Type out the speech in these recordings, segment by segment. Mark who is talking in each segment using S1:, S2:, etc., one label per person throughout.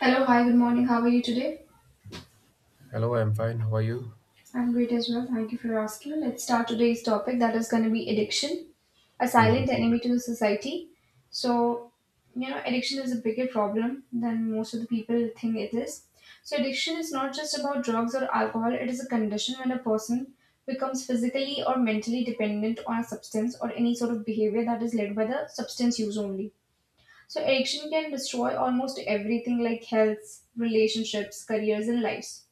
S1: Hello, hi, good morning. How are you today?
S2: Hello, I'm fine. How are you?
S1: I'm great as well. Thank you for asking. Let's start today's topic that is going to be addiction, a
S2: Hmm.
S1: silent enemy to the society. So, you know, addiction is a bigger problem than most of the people think it is. So, addiction is not just about drugs or alcohol, it is a condition when a person becomes physically or mentally dependent on a substance or any sort of behavior that is led by the substance use only. So, addiction can destroy almost everything like health, relationships, careers, and lives.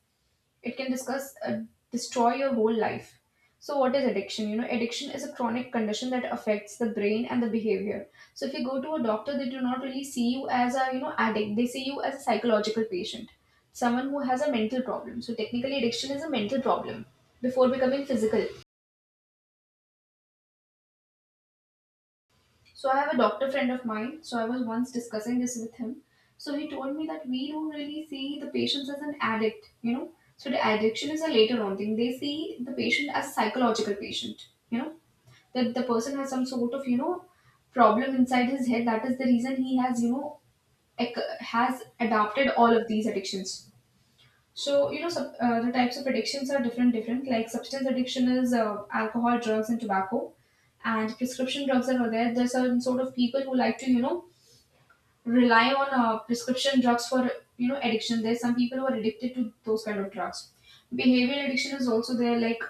S1: It can discuss destroy your whole life. So what is addiction? You know, addiction is a chronic condition that affects the brain and the behavior. So if you go to a doctor, they do not really see you as a, you know, addict. They see you as a psychological patient, someone who has a mental problem. So technically, addiction is a mental problem before becoming physical. So I have a doctor friend of mine. So I was once discussing this with him. So he told me that we don't really see the patients as an addict, you know. So the addiction is a later on thing. They see the patient as a psychological patient, you know, that the person has some sort of, you know, problem inside his head. That is the reason he has, you know, has adopted all of these addictions. So you know, the types of addictions are different, different. Like substance addiction is alcohol, drugs, and tobacco, and prescription drugs are there. There's some sort of people who like to, you know, rely on prescription drugs for, you know, addiction. There's some people who are addicted to those kind of drugs. Behavioral addiction is also there. Like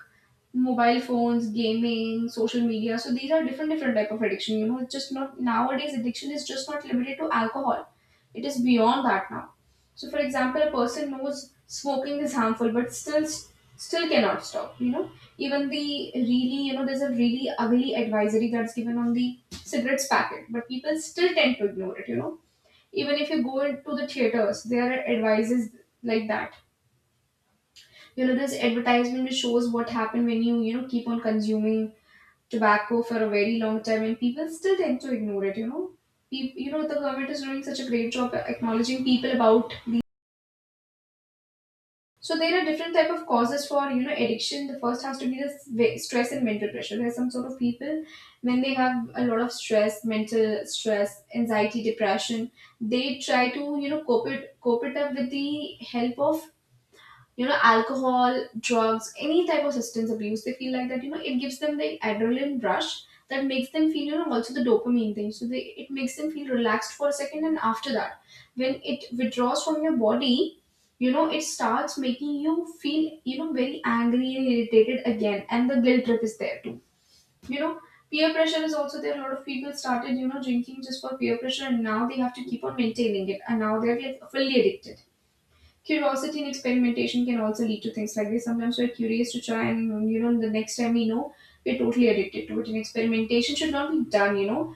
S1: mobile phones, gaming, social media. So these are different different type of addiction. You know, it's just not, nowadays addiction is just not limited to alcohol. It is beyond that now. So for example, a person knows smoking is harmful but still cannot stop, you know. Even the really, you know, there's a really ugly advisory that's given on the cigarettes packet, but people still tend to ignore it, you know. Even if you go into the theaters, there are advices like that. You know, there's advertisement which shows what happened when you know, keep on consuming tobacco for a very long time, and people still tend to ignore it, you know. People, you know, the government is doing such a great job acknowledging people about the. So there are different type of causes for, you know, addiction. The first has to be the stress and mental pressure. There are some sort of people, when they have a lot of stress, mental stress, anxiety, depression, they try to, you know, cope it up with the help of, you know, alcohol, drugs, any type of substance abuse. They feel like that, you know, it gives them the adrenaline rush that makes them feel, you know, also the dopamine thing. So they, it makes them feel relaxed for a second, and after that, when it withdraws from your body, you know, it starts making you feel, you know, very angry and irritated again, and the guilt trip is there too, you know. Peer pressure is also there. A lot of people started, you know, drinking just for peer pressure, and now they have to keep on maintaining it, and now they're like fully addicted. Curiosity and experimentation can also lead to things like this. Sometimes we're curious to try, and you know, the next time we know, we're totally addicted to it. And experimentation should not be done, you know.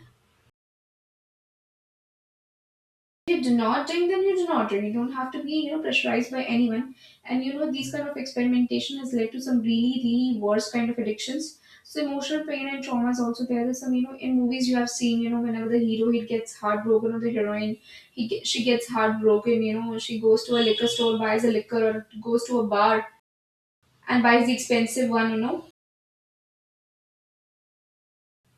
S1: If you do not drink, then you do not drink. You don't have to be, you know, pressurized by anyone. And you know, these kind of experimentation has led to some really, really worse kind of addictions. So emotional pain and trauma is also there. There's some, you know, in movies you have seen, you know, whenever the hero he gets heartbroken or the heroine, she gets heartbroken. You know, she goes to a liquor store, buys a liquor, or goes to a bar and buys the expensive one, you know,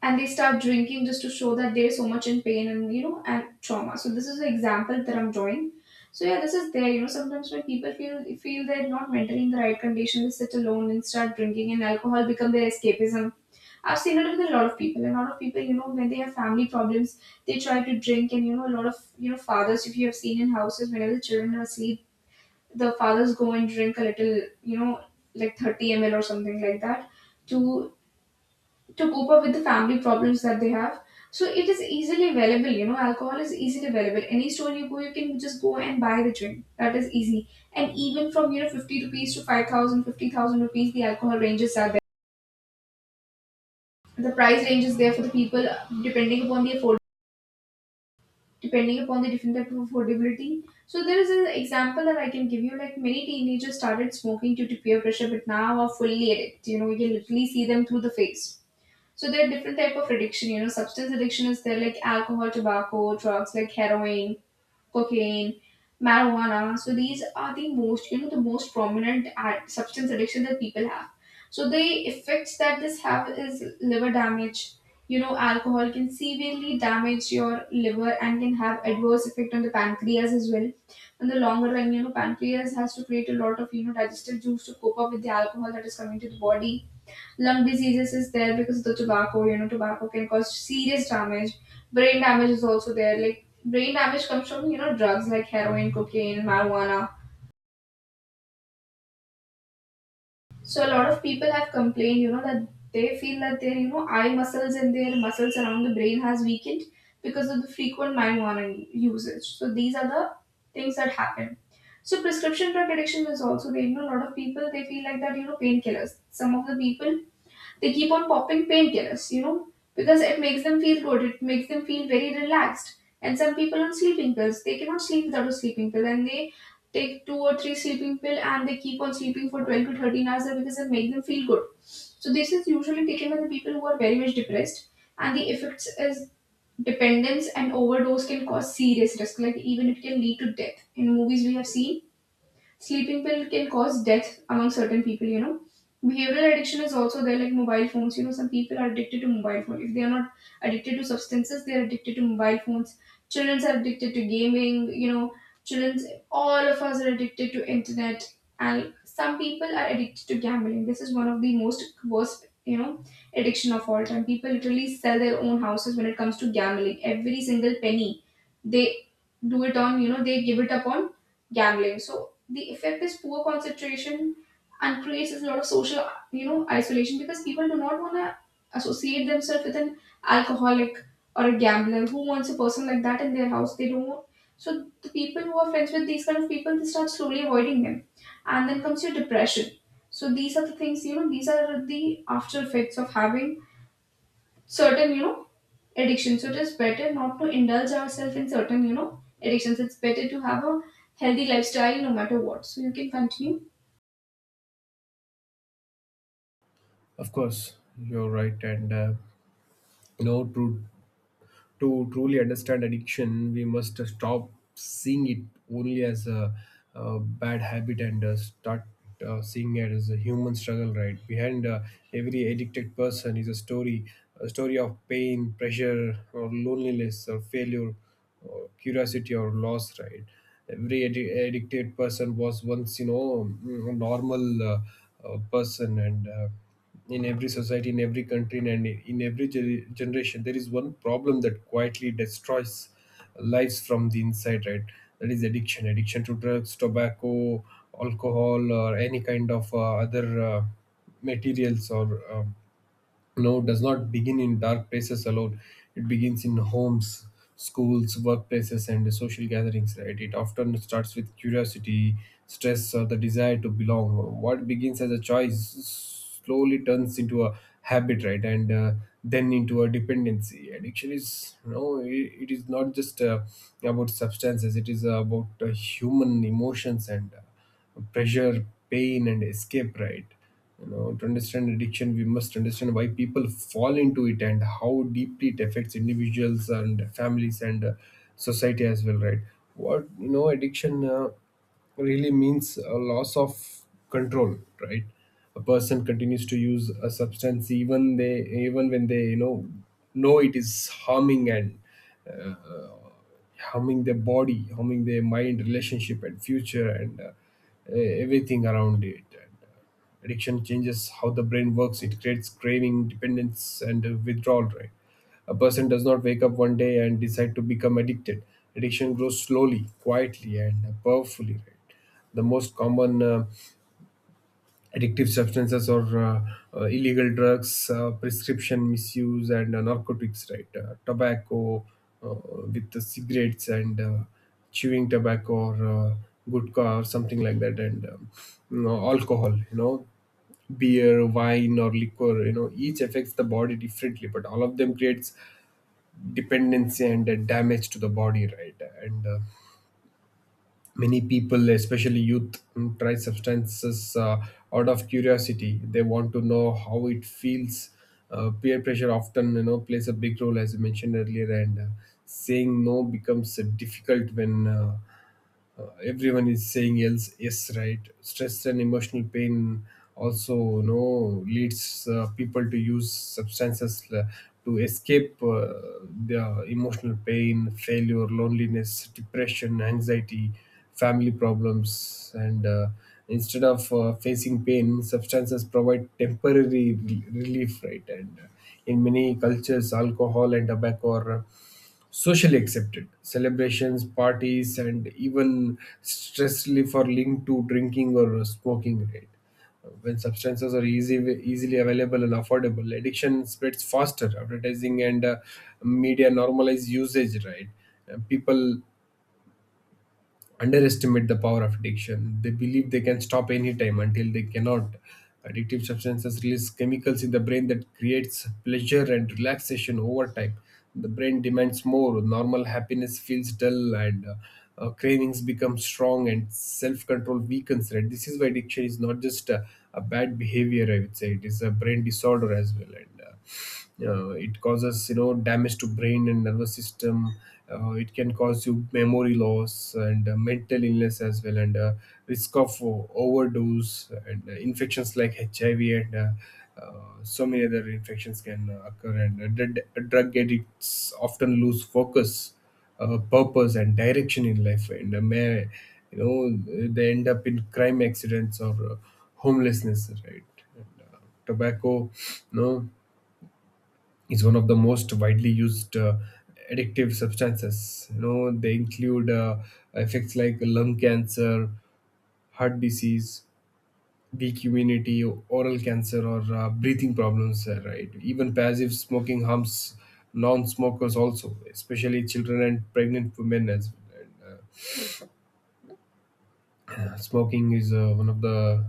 S1: and they start drinking just to show that they're so much in pain and, you know, and trauma. So this is an example that I'm drawing. So yeah, this is there. You know, sometimes when people feel they're not mentally in the right condition, they sit alone and start drinking, and alcohol become their escapism. I've seen it with a lot of people. A lot of people, you know, when they have family problems, they try to drink, and you know, a lot of, you know, fathers, if you have seen in houses, whenever the children are asleep, the fathers go and drink a little, you know, like 30 ml or something like that, to to cope up with the family problems that they have. So it is easily available, you know, alcohol is easily available. Any store you go, you can just go and buy the drink. That is easy. And even from, you know, 50 rupees to 5,000, 50,000 rupees, the alcohol ranges are there. The price range is there for the people, depending upon the afford, depending upon the different type of affordability. So there is an example that I can give you. Like, many teenagers started smoking due to peer pressure, but now are fully addicted. You know, you can literally see them through the face. So there are different type of addiction. You know, substance addiction is there, like alcohol, tobacco, drugs like heroin, cocaine, marijuana. So these are the most, you know, the most prominent substance addiction that people have. So the effects that this have is liver damage. You know, alcohol can severely damage your liver and can have adverse effect on the pancreas as well. In the longer run, you know, pancreas has to create a lot of, you know, digestive juice to cope up with the alcohol that is coming to the body. Lung diseases is there because of the tobacco. You know, tobacco can cause serious damage. Brain damage is also there. Like, brain damage comes from, you know, drugs like heroin, cocaine, marijuana. So a lot of people have complained, you know, that they feel that their, you know, eye muscles and their muscles around the brain has weakened because of the frequent marijuana usage. So these are the things that happen. So prescription drug addiction is also there. You know, a lot of people, they feel like that, you know, painkillers, some of the people, they keep on popping painkillers, you know, because it makes them feel good. It makes them feel very relaxed. And some people on sleeping pills, they cannot sleep without a sleeping pill, and they take two or three sleeping pill and they keep on sleeping for 12 to 13 hours because it makes them feel good. So this is usually taken by the people who are very much depressed, and the effects is dependence and overdose can cause serious risk. Like, even it can lead to death. In movies, we have seen sleeping pill can cause death among certain people, you know. Behavioral addiction is also there, like mobile phones. You know, some people are addicted to mobile phone. If they are not addicted to substances, they are addicted to mobile phones. Children are addicted to gaming. You know, children. All of us are addicted to internet, and some people are addicted to gambling. This is one of the most worst, you know, addiction of all time. People literally sell their own houses when it comes to gambling. Every single penny they do it on, you know, they give it up on gambling. So the effect is poor concentration and creates a lot of social, you know, isolation, because people do not want to associate themselves with an alcoholic or a gambler. Who wants a person like that in their house? They don't want. So the people who are friends with these kind of people, they start slowly avoiding them, and then comes your depression. So these are the things, you know, these are the after effects of having certain, you know, addictions. So it is better not to indulge ourselves in certain, you know, addictions. It's better to have a healthy lifestyle no matter what, so you can continue.
S2: Of course, you're right, and true to truly understand addiction, we must stop seeing it only as a bad habit, and start seeing it as a human struggle. Right, behind every addicted person is a story of pain, pressure, or loneliness, or failure, or curiosity, or loss. Right. Every addicted person was once, a normal person, and in every society, in every country, and in every generation, there is one problem that quietly destroys lives from the inside, right? That is addiction. Addiction to drugs, tobacco, alcohol, or any kind of other materials, or um, no does not begin in dark places alone. It begins in homes, schools, workplaces, and social gatherings, right? It often starts with curiosity, stress, or the desire to belong. What begins as a choice slowly turns into a habit, right, and then into a dependency. Addiction is it is not just about substances, it is about human emotions and pressure, pain, and escape, right? You know, to understand addiction, we must understand why people fall into it and how deeply it affects individuals and families, and society as well, right? What addiction really means, a loss of control, right? A person continues to use a substance even when they know it is harming, and harming their body, harming their mind, relationship, and future, and everything around it. And addiction changes how the brain works. It creates craving, dependence, and withdrawal. Right, a person does not wake up one day and decide to become addicted. Addiction grows slowly, quietly, and powerfully. Right, the most common addictive substances, or illegal drugs, prescription misuse, and narcotics, right? Tobacco, uh, with the cigarettes, and chewing tobacco, or gutka or something like that, and you know, alcohol, you know, beer, wine, or liquor, you know, each affects the body differently, but all of them creates dependency and damage to the body, right? And many people, especially youth, try substances out of curiosity. They want to know how it feels. Peer pressure often, you know, plays a big role, as you mentioned earlier, and saying no becomes difficult when everyone is saying else yes, right. Stress and emotional pain also, you know, leads people to use substances to escape their emotional pain, failure, loneliness, depression, anxiety, family problems, and instead of facing pain, substances provide temporary relief, right, and in many cultures alcohol and tobacco are socially accepted. Celebrations, parties, and even stress relief are linked to drinking or smoking. Right? When substances are easily available and affordable, addiction spreads faster. Advertising and media normalize usage. Right? People underestimate the power of addiction. They believe they can stop anytime, until they cannot. Addictive substances release chemicals in the brain that creates pleasure and relaxation over time. The brain demands more. Normal happiness feels dull, and cravings become strong, and self-control weakens. Right? This is why addiction is not just a bad behavior. I would say it is a brain disorder as well, and it causes, you know, damage to brain and nervous system. It can cause you memory loss and mental illness as well, and risk of overdose and infections like HIV, and uh, so many other infections can occur. And drug addicts often lose focus, purpose, and direction in life, and may, you know, they end up in crime, accidents, or homelessness, right. And uh, tobacco no is one of the most widely used addictive substances. You know, they include effects like lung cancer, heart disease, weak immunity, oral cancer, or breathing problems. Right, even passive smoking harms non-smokers also, especially children and pregnant women, as well, right? Smoking is one of the,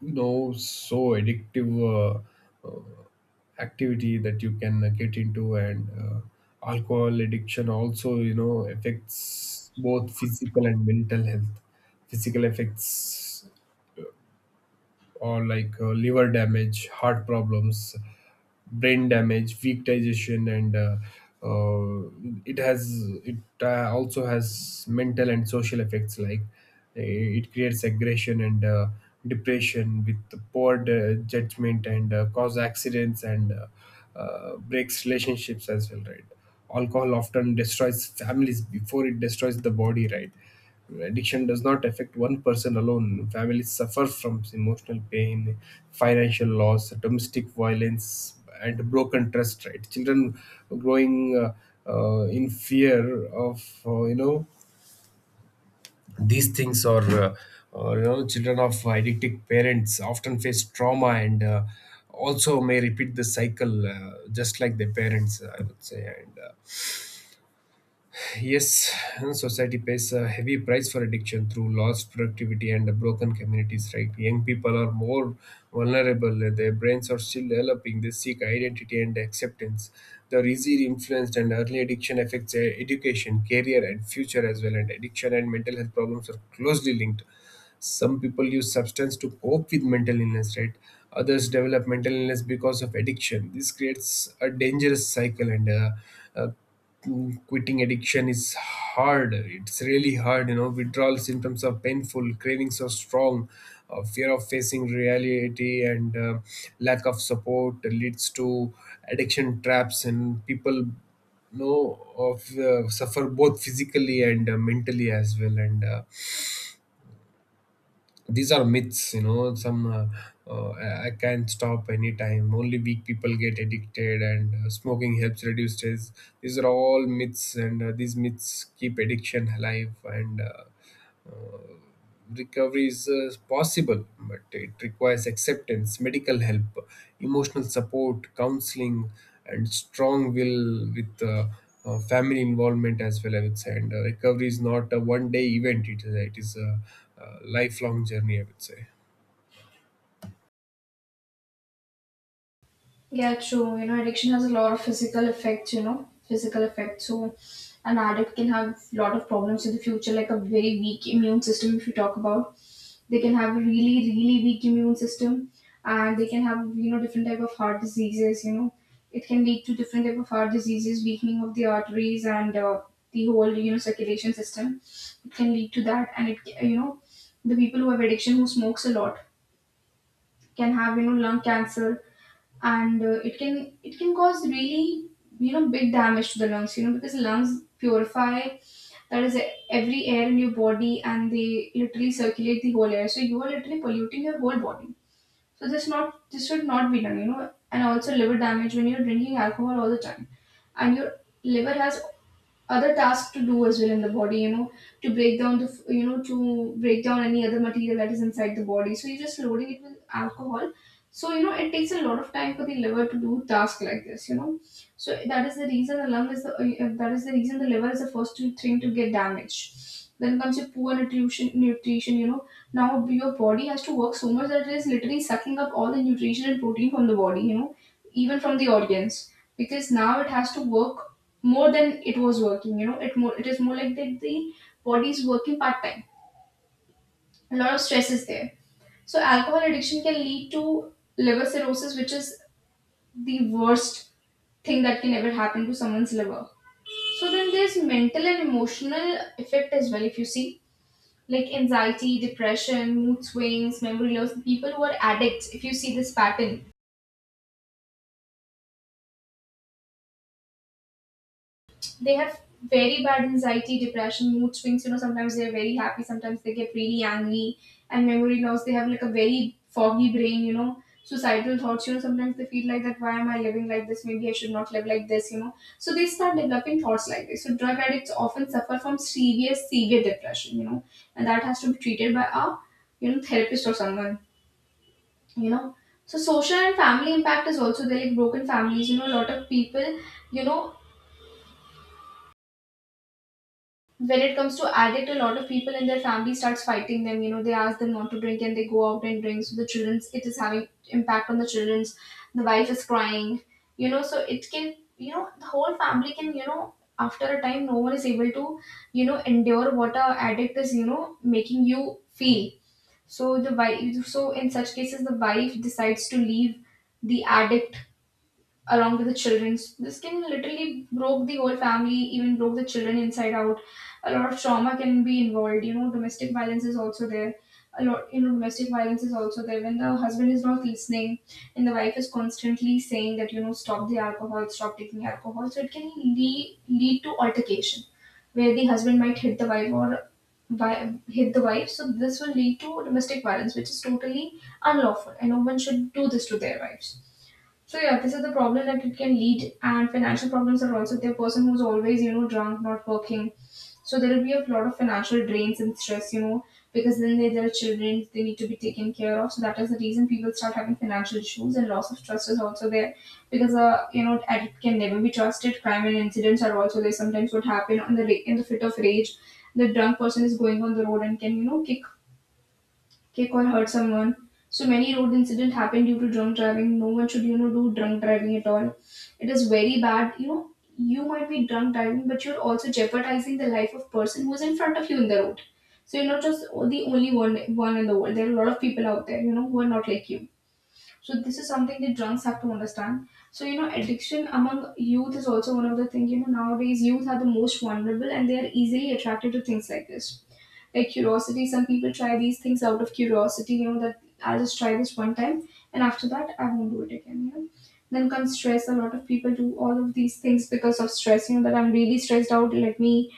S2: you know, so addictive Uh, uh, activity that you can get into. And alcohol addiction also, you know, affects both physical and mental health. Physical effects or like liver damage, heart problems, brain damage, weak digestion, and uh, it has it also has mental and social effects, like it creates aggression and depression with the poor judgment, and cause accidents, and breaks relationships as well, right? Alcohol often destroys families before it destroys the body, right. Addiction does not affect one person alone. Families suffer from emotional pain, financial loss, domestic violence, and broken trust, right. Children growing uh, in fear of, you know, these things, or you know, children of addicted parents often face trauma, and also may repeat the cycle just like their parents, I would say. And yes, society pays a heavy price for addiction through lost productivity and broken communities, right? Young people are more vulnerable. Their brains are still developing. They seek identity and acceptance. They are easily influenced, and early addiction affects their education, career, and future as well. And addiction and mental health problems are closely linked. Some people use substance to cope with mental illness, right. Others develop mental illness because of addiction. This creates a dangerous cycle, and uh, quitting addiction is hard. It's really hard. You know, withdrawal symptoms are painful, cravings are strong, fear of facing reality, and lack of support leads to addiction traps, and people know of suffer both physically and mentally as well. And these are myths. You know, some I can't stop anytime, only weak people get addicted, and smoking helps reduce stress. These are all myths, and these myths keep addiction alive. And uh, recovery is possible, but it requires acceptance, medical help, emotional support, counseling, and strong will, with family involvement as well, I would say. And recovery is not a one-day event; it is a lifelong journey, I would say.
S1: Yeah, true. You know, addiction has a lot of physical effects, you know, physical effects. So, an addict can have a lot of problems in the future, like a very weak immune system, if you talk about. They can have a really, really weak immune system, and they can have, you know, different type of heart diseases, you know. It can lead to different type of heart diseases, weakening of the arteries and the whole, circulation system. It can lead to that, and it, ca- you know, the people who have addiction who smokes a lot can have, lung cancer and it can cause really, big damage to the lungs, because lungs purify that is every air in your body, and they literally circulate the whole air, so you are literally polluting your whole body. So this not this should not be done, and also liver damage when you're drinking alcohol all the time, and your liver has other tasks to do as well in the body, to break down the f- you know to break down any other material that is inside the body. So you're just loading it with alcohol, so you know it takes a lot of time for the liver to do tasks like this. So that is the reason the lung is the that is the reason the liver is the first thing to get damaged. Then comes your poor nutrition, you know, now your body has to work so much that it is literally sucking up all the nutrition and protein from the body, you know, even from the organs, because now it has to work more than it was working. You know, it is more like that the body is working part-time, a lot of stress is there. So alcohol addiction can lead to liver cirrhosis, which is the worst thing that can ever happen to someone's liver. So then there's mental and emotional effect as well, if you see, like anxiety, depression, mood swings, memory loss. People who are addicts, if you see this pattern, they have very bad anxiety, depression, mood swings. You know, sometimes they're very happy, sometimes they get really angry, and memory loss. They have like a very foggy brain, you know, suicidal thoughts. You know, sometimes they feel like that why am I living like this? Maybe I should not live like this, you know. So they start developing thoughts like this. So drug addicts often suffer from serious, severe depression, you know, and that has to be treated by a, you know, therapist or someone, you know. So social and family impact is also there, like broken families, you know, a lot of people you know when it comes to addict, a lot of people in their family starts fighting them, you know, they ask them not to drink and they go out and drink. So the children's, it is having impact on the children's, the wife is crying, you know. So it can, you know, the whole family can, you know, after a time no one is able to, you know, endure what a addict is, you know, making you feel. So the wife, so in such cases the wife decides to leave the addict along with the children. This can literally broke the whole family, even broke the children inside out. A lot of trauma can be involved, you know, domestic violence is also there. A lot you know domestic violence is also there when the husband is not listening and the wife is constantly saying that, you know, stop the alcohol, stop taking alcohol. So it can lead to altercation where the husband might hit the wife, or hit the wife. So this will lead to domestic violence, which is totally unlawful, and no one should do this to their wives. So yeah, this is the problem that it can lead, and financial problems are also the person who's always, you know, drunk, not working. So there will be a lot of financial drains and stress, you know, because then they, there are children they need to be taken care of. So that is the reason people start having financial issues, and loss of trust is also there because, you know, addict can never be trusted. Crime and incidents are also there. Sometimes what happen on in the fit of rage, the drunk person is going on the road and can, you know, kick or hurt someone. So many road incidents happen due to drunk driving. No one should, you know, do drunk driving at all. It is very bad. You know, you might be drunk driving, but you're also jeopardizing the life of person who's in front of you in the road. So you're not just the only one in the world. There are a lot of people out there, you know, who are not like you. So this is something that drunks have to understand. So you know, addiction among youth is also one of the things. You know, nowadays youth are the most vulnerable and they are easily attracted to things like this, like curiosity. Some people try these things out of curiosity, you know, that I'll just try this one time, and after that I won't do it again, you know. Then comes stress. A lot of people do all of these things because of stress, you know, that I'm really stressed out, let me,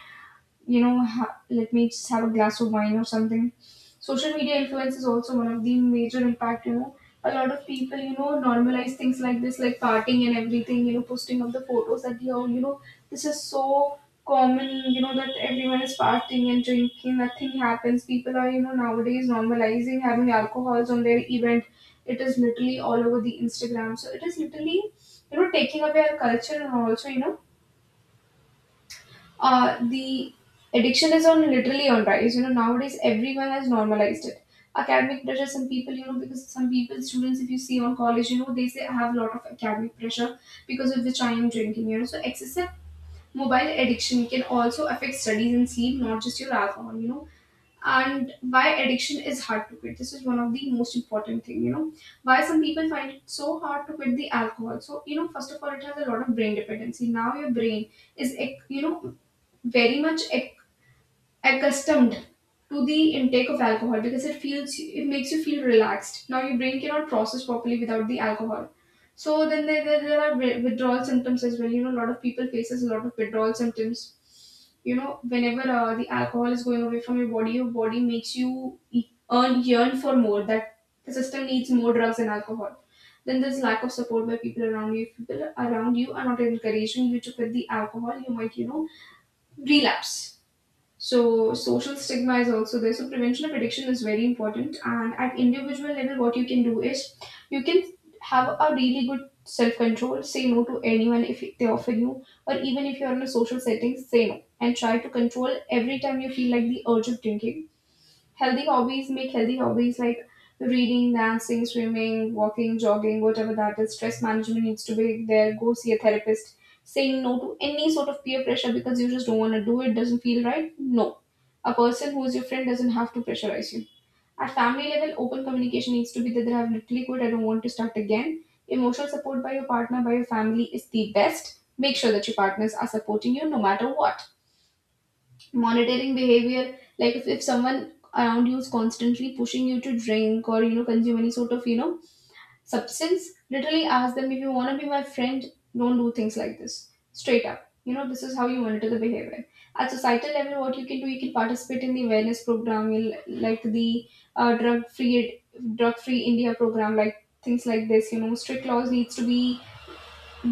S1: you know, let me just have a glass of wine or something. Social media influence is also one of the major impact, you know. A lot of people, you know, normalize things like this, like partying and everything, you know, posting of the photos that, yo, you know, this is so common, you know, that everyone is partying and drinking, nothing happens. People are, you know, nowadays normalizing having alcohols on their event. It is literally all over the Instagram. So it is literally, you know, taking away our culture and also, you know, the addiction is on literally on rise. You know, nowadays everyone has normalized it. Academic pressure, some people, you know, because some people, students, if you see on college, you know, they say I have a lot of academic pressure because of which I am drinking, you know. So excessive mobile addiction can also affect studies and sleep, not just your alcohol, you know. And why addiction is hard to quit, this is one of the most important thing, you know, why some people find it so hard to quit the alcohol. So you know, first of all, it has a lot of brain dependency. Now your brain is you know, very much accustomed to the intake of alcohol, because it feels, it makes you feel relaxed. Now your brain cannot process properly without the alcohol. So then there are withdrawal symptoms as well, you know, a lot of people faces a lot of withdrawal symptoms, you know, whenever the alcohol is going away from your body, your body makes you e- earn yearn for more, that the system needs more drugs and alcohol. Then there's lack of support by people around you. If people around you are not encouraging you to quit the alcohol, you might, you know, relapse. So social stigma is also there. So prevention of addiction is very important. And at individual level, what you can do is you can have a really good self control. Say no to anyone if they offer you, or even if you're in a social setting, say no, and try to control every time you feel like the urge of drinking. Healthy hobbies, make healthy hobbies like reading, dancing, swimming, walking, jogging, whatever that is. Stress management needs to be there, go see a therapist. Saying no to any sort of peer pressure, because you just don't want to do it, doesn't feel right. No, a person who is your friend doesn't have to pressurize you. At family level, open communication needs to be there, that I've literally quit, I don't want to start again. Emotional support by your partner, by your family is the best. Make sure that your partners are supporting you no matter what. Monitoring behavior, like if someone around you is constantly pushing you to drink, or you know, consume any sort of, you know, substance, literally ask them, if you want to be my friend, don't do things like this, straight up, you know, this is how you monitor the behavior. At societal level, what you can do, you can participate in the awareness program, like the uh, drug free drug free india program, like things like this, you know, strict laws needs to be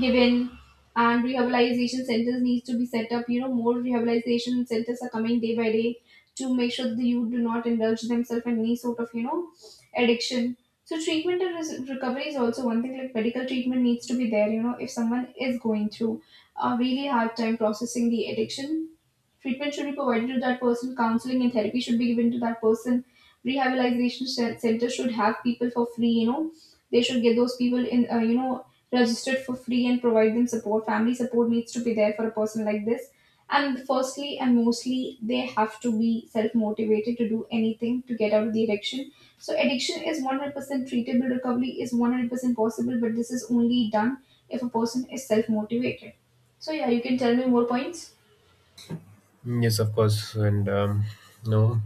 S1: given, and rehabilitation centers needs to be set up. You know, more rehabilitation centers are coming day by day, to make sure that you do not indulge themselves in any sort of, you know, addiction. So treatment and recovery is also one thing, like medical treatment needs to be there. You know, if someone is going through a really hard time processing the addiction, treatment should be provided to that person, counseling and therapy should be given to that person. Rehabilitation center should have people for free, you know, they should get those people in, you know, registered for free and provide them support. Family support needs to be there for a person like this. And firstly and mostly, they have to be self motivated to do anything to get out of the addiction. So, addiction is 100% treatable, recovery is 100% possible, but this is only done if a person is self motivated. So, yeah, you can tell me more points.
S2: Mm. Yes, of course, and no.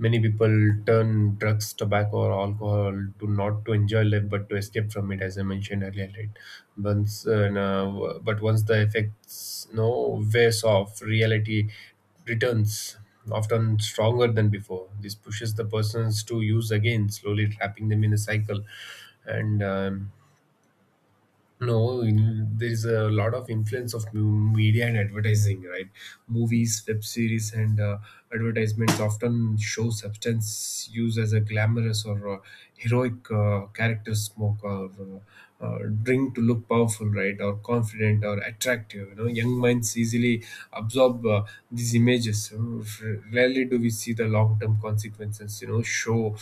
S2: Many people turn drugs, tobacco, or alcohol to not to enjoy life, but to escape from it, as I mentioned earlier. Right? Once, no, but once the effects no wears off, reality returns, often stronger than before. This pushes the persons to use again, slowly trapping them in a cycle. And no, there is a lot of influence of media and advertising, right? Movies, web series, and advertisements often show substance used as a glamorous or heroic character, smoke or drink to look powerful, right? Or confident or attractive. You know, young minds easily absorb these images. Rarely do we see the long-term consequences, you know, show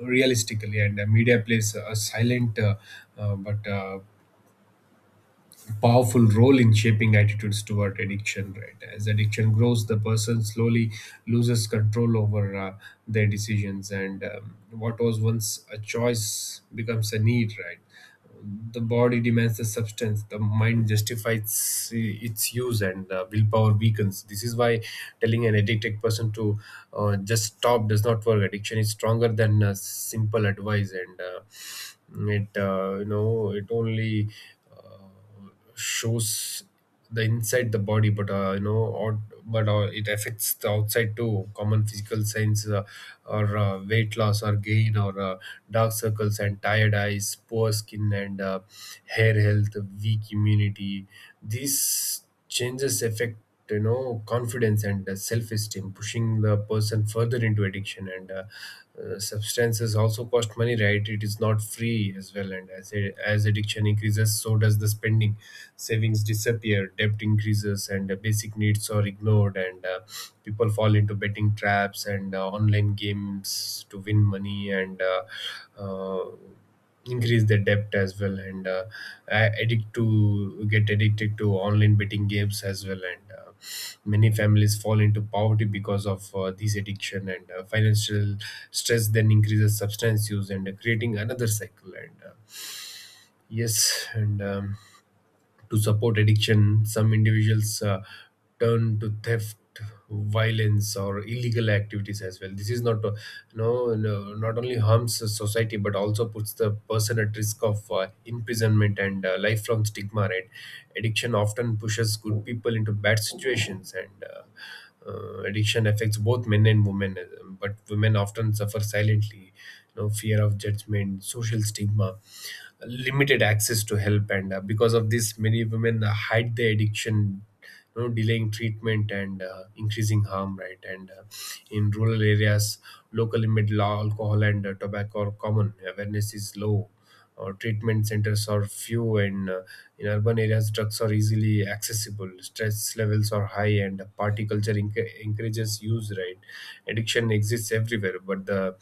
S2: realistically. And media plays a silent, but powerful role in shaping attitudes toward addiction, right. As addiction grows, the person slowly loses control over their decisions, and what was once a choice becomes a need, right. The body demands the substance, the mind justifies its use, and willpower weakens. This is why telling an addicted person to just stop does not work. Addiction is stronger than simple advice. And it, you know, it only uh, shows the inside the body, but, you know, or but it affects the outside too. Common physical signs are weight loss or gain, or dark circles and tired eyes, poor skin and hair health, weak immunity. These changes affect, you know, confidence and self-esteem, pushing the person further into addiction. And substances also cost money, right. It is not free as well, and as addiction increases, so does the spending. Savings disappear, debt increases, and basic needs are ignored, and people fall into betting traps and online games to win money, and uh, increase their debt as well. And addict to get addicted to online betting games as well, and many families fall into poverty because of these addiction, and financial stress then increases substance use, and creating another cycle. And yes, and to support addiction, some individuals turn to theft, violence, or illegal activities as well. This is not, no, not only harms the society, but also puts the person at risk of imprisonment and lifelong stigma. Right? Addiction often pushes good people into bad situations. And addiction affects both men and women. But women often suffer silently, you know, fear of judgment, social stigma, limited access to help, and because of this many women hide their addiction, delaying treatment and increasing harm, right? and In rural areas, local limit law alcohol and tobacco are common, awareness is low, or treatment centers are few. And In urban areas, drugs are easily accessible, stress levels are high, and party culture encourages use, right? Addiction exists everywhere, but the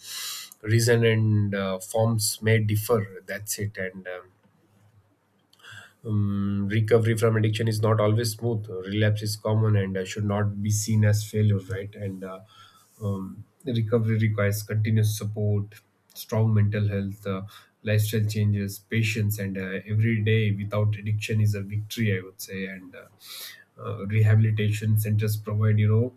S2: reason and forms may differ. That's it and um, Recovery from addiction is not always smooth. Relapse is common and should not be seen as failure, right? And Recovery requires continuous support, strong mental health, lifestyle changes, patience, and every day without addiction is a victory, I would say. And Rehabilitation centers provide, you know,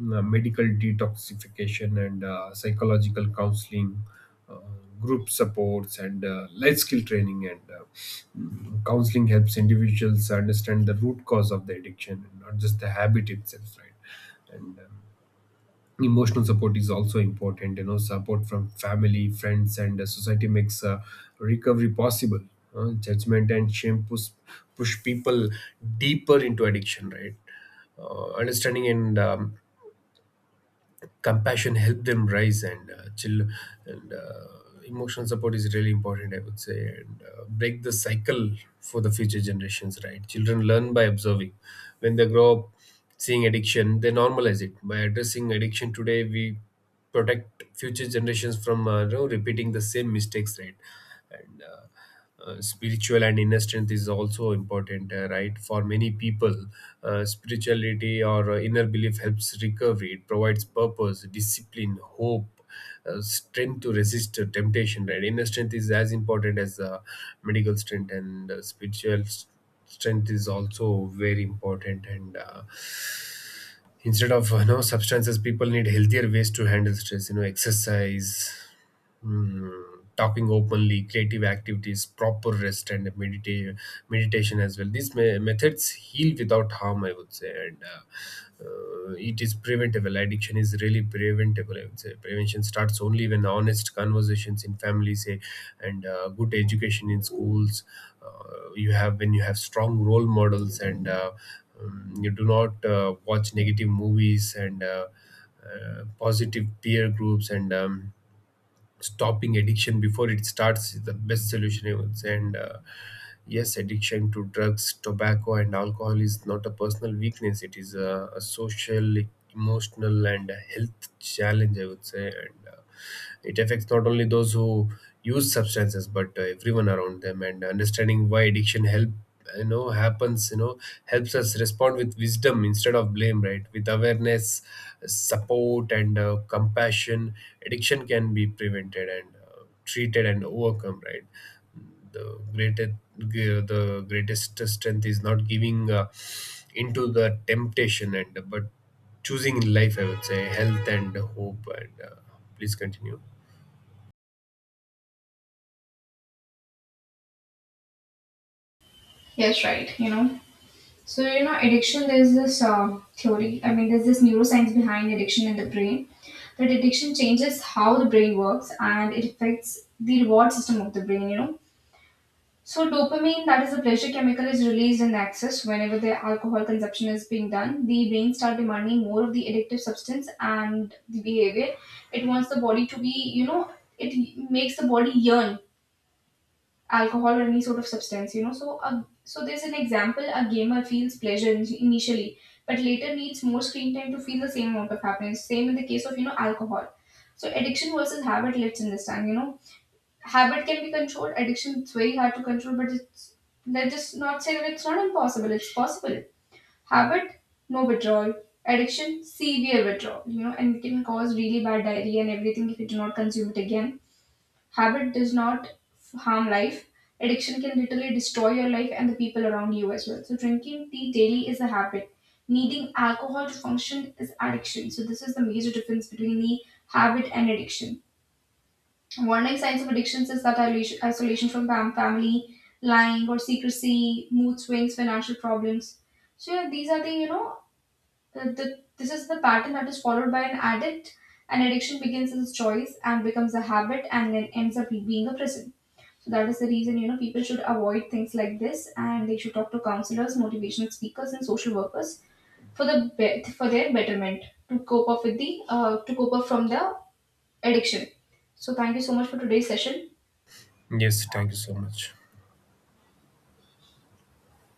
S2: mm, uh, medical detoxification and psychological counseling, uh, group supports and life skill training. Counseling helps individuals understand the root cause of the addiction and not just the habit itself, right? and Emotional support is also important, you know, support from family, friends, and society makes recovery possible. Judgment and shame push people deeper into addiction, right? Understanding and compassion help them rise and chill and Emotional support is really important, I would say, and break the cycle for the future generations, right? Children learn by observing. When they grow up seeing addiction, they normalize it. By addressing addiction today, we protect future generations from, repeating the same mistakes, right? and Spiritual and inner strength is also important, right, for many people. Spirituality or inner belief helps recovery. It provides purpose, discipline, hope, strength to resist temptation, right? Inner strength is as important as medical strength, and strength is also very important. And Instead of, you know, substances, people need healthier ways to handle stress, you know, exercise, talking openly, creative activities, proper rest, and meditation as well. These methods heal without harm, I would say. And It is preventable. Addiction is really preventable, I would say. Prevention starts only when honest conversations in families say, and good education in schools. You have when you have strong role models, and you do not watch negative movies, and positive peer groups, and stopping addiction before it starts is the best solution, I would say. And Yes, addiction to drugs, tobacco, and alcohol is not a personal weakness. It is a social, emotional, and a health challenge, I would say, and it affects not only those who use substances but everyone around them. And understanding why addiction help you know happens, helps us respond with wisdom instead of blame, right? With awareness, support, and compassion, addiction can be prevented and treated and overcome, right? The greatest the greatest strength is not giving into the temptation, and but choosing in life, I would say, health and hope. And Please continue.
S1: Yes, right. You know. So, you know, addiction, there's this theory, I mean, there's this neuroscience behind addiction in the brain, that addiction changes how the brain works and it affects the reward system of the brain, you know. So, dopamine, that is the pleasure chemical, is released in the excess whenever the alcohol consumption is being done. The brain start demanding more of the addictive substance and the behavior. It wants the body to be, you know, it makes the body yearn alcohol or any sort of substance, you know. So a, so there's an example, a gamer feels pleasure initially, but later needs more screen time to feel the same amount of happiness. Same in the case of, you know, alcohol. So addiction versus habit, let's understand, you know. Habit can be controlled, addiction it's very hard to control, but it's, let's just not say that it's not impossible, it's possible. Habit, no withdrawal. Addiction, severe withdrawal, you know, and it can cause really bad diarrhea and everything if you do not consume it again. Habit does not harm life. Addiction can literally destroy your life and the people around you as well. So, drinking tea daily is a habit. Needing alcohol to function is addiction. So, this is the major difference between the habit and addiction. Warning signs of addictions is that isolation from family, lying or secrecy, mood swings, financial problems. So, yeah, these are the, you know, this is the pattern that is followed by an addict. An addiction begins as a choice and becomes a habit and then ends up being a prison. So that is the reason, you know, people should avoid things like this, and they should talk to counselors, motivational speakers, and social workers for for their betterment to cope up with the to cope up from the addiction. So thank you so much for today's session.
S2: Yes, thank you so much.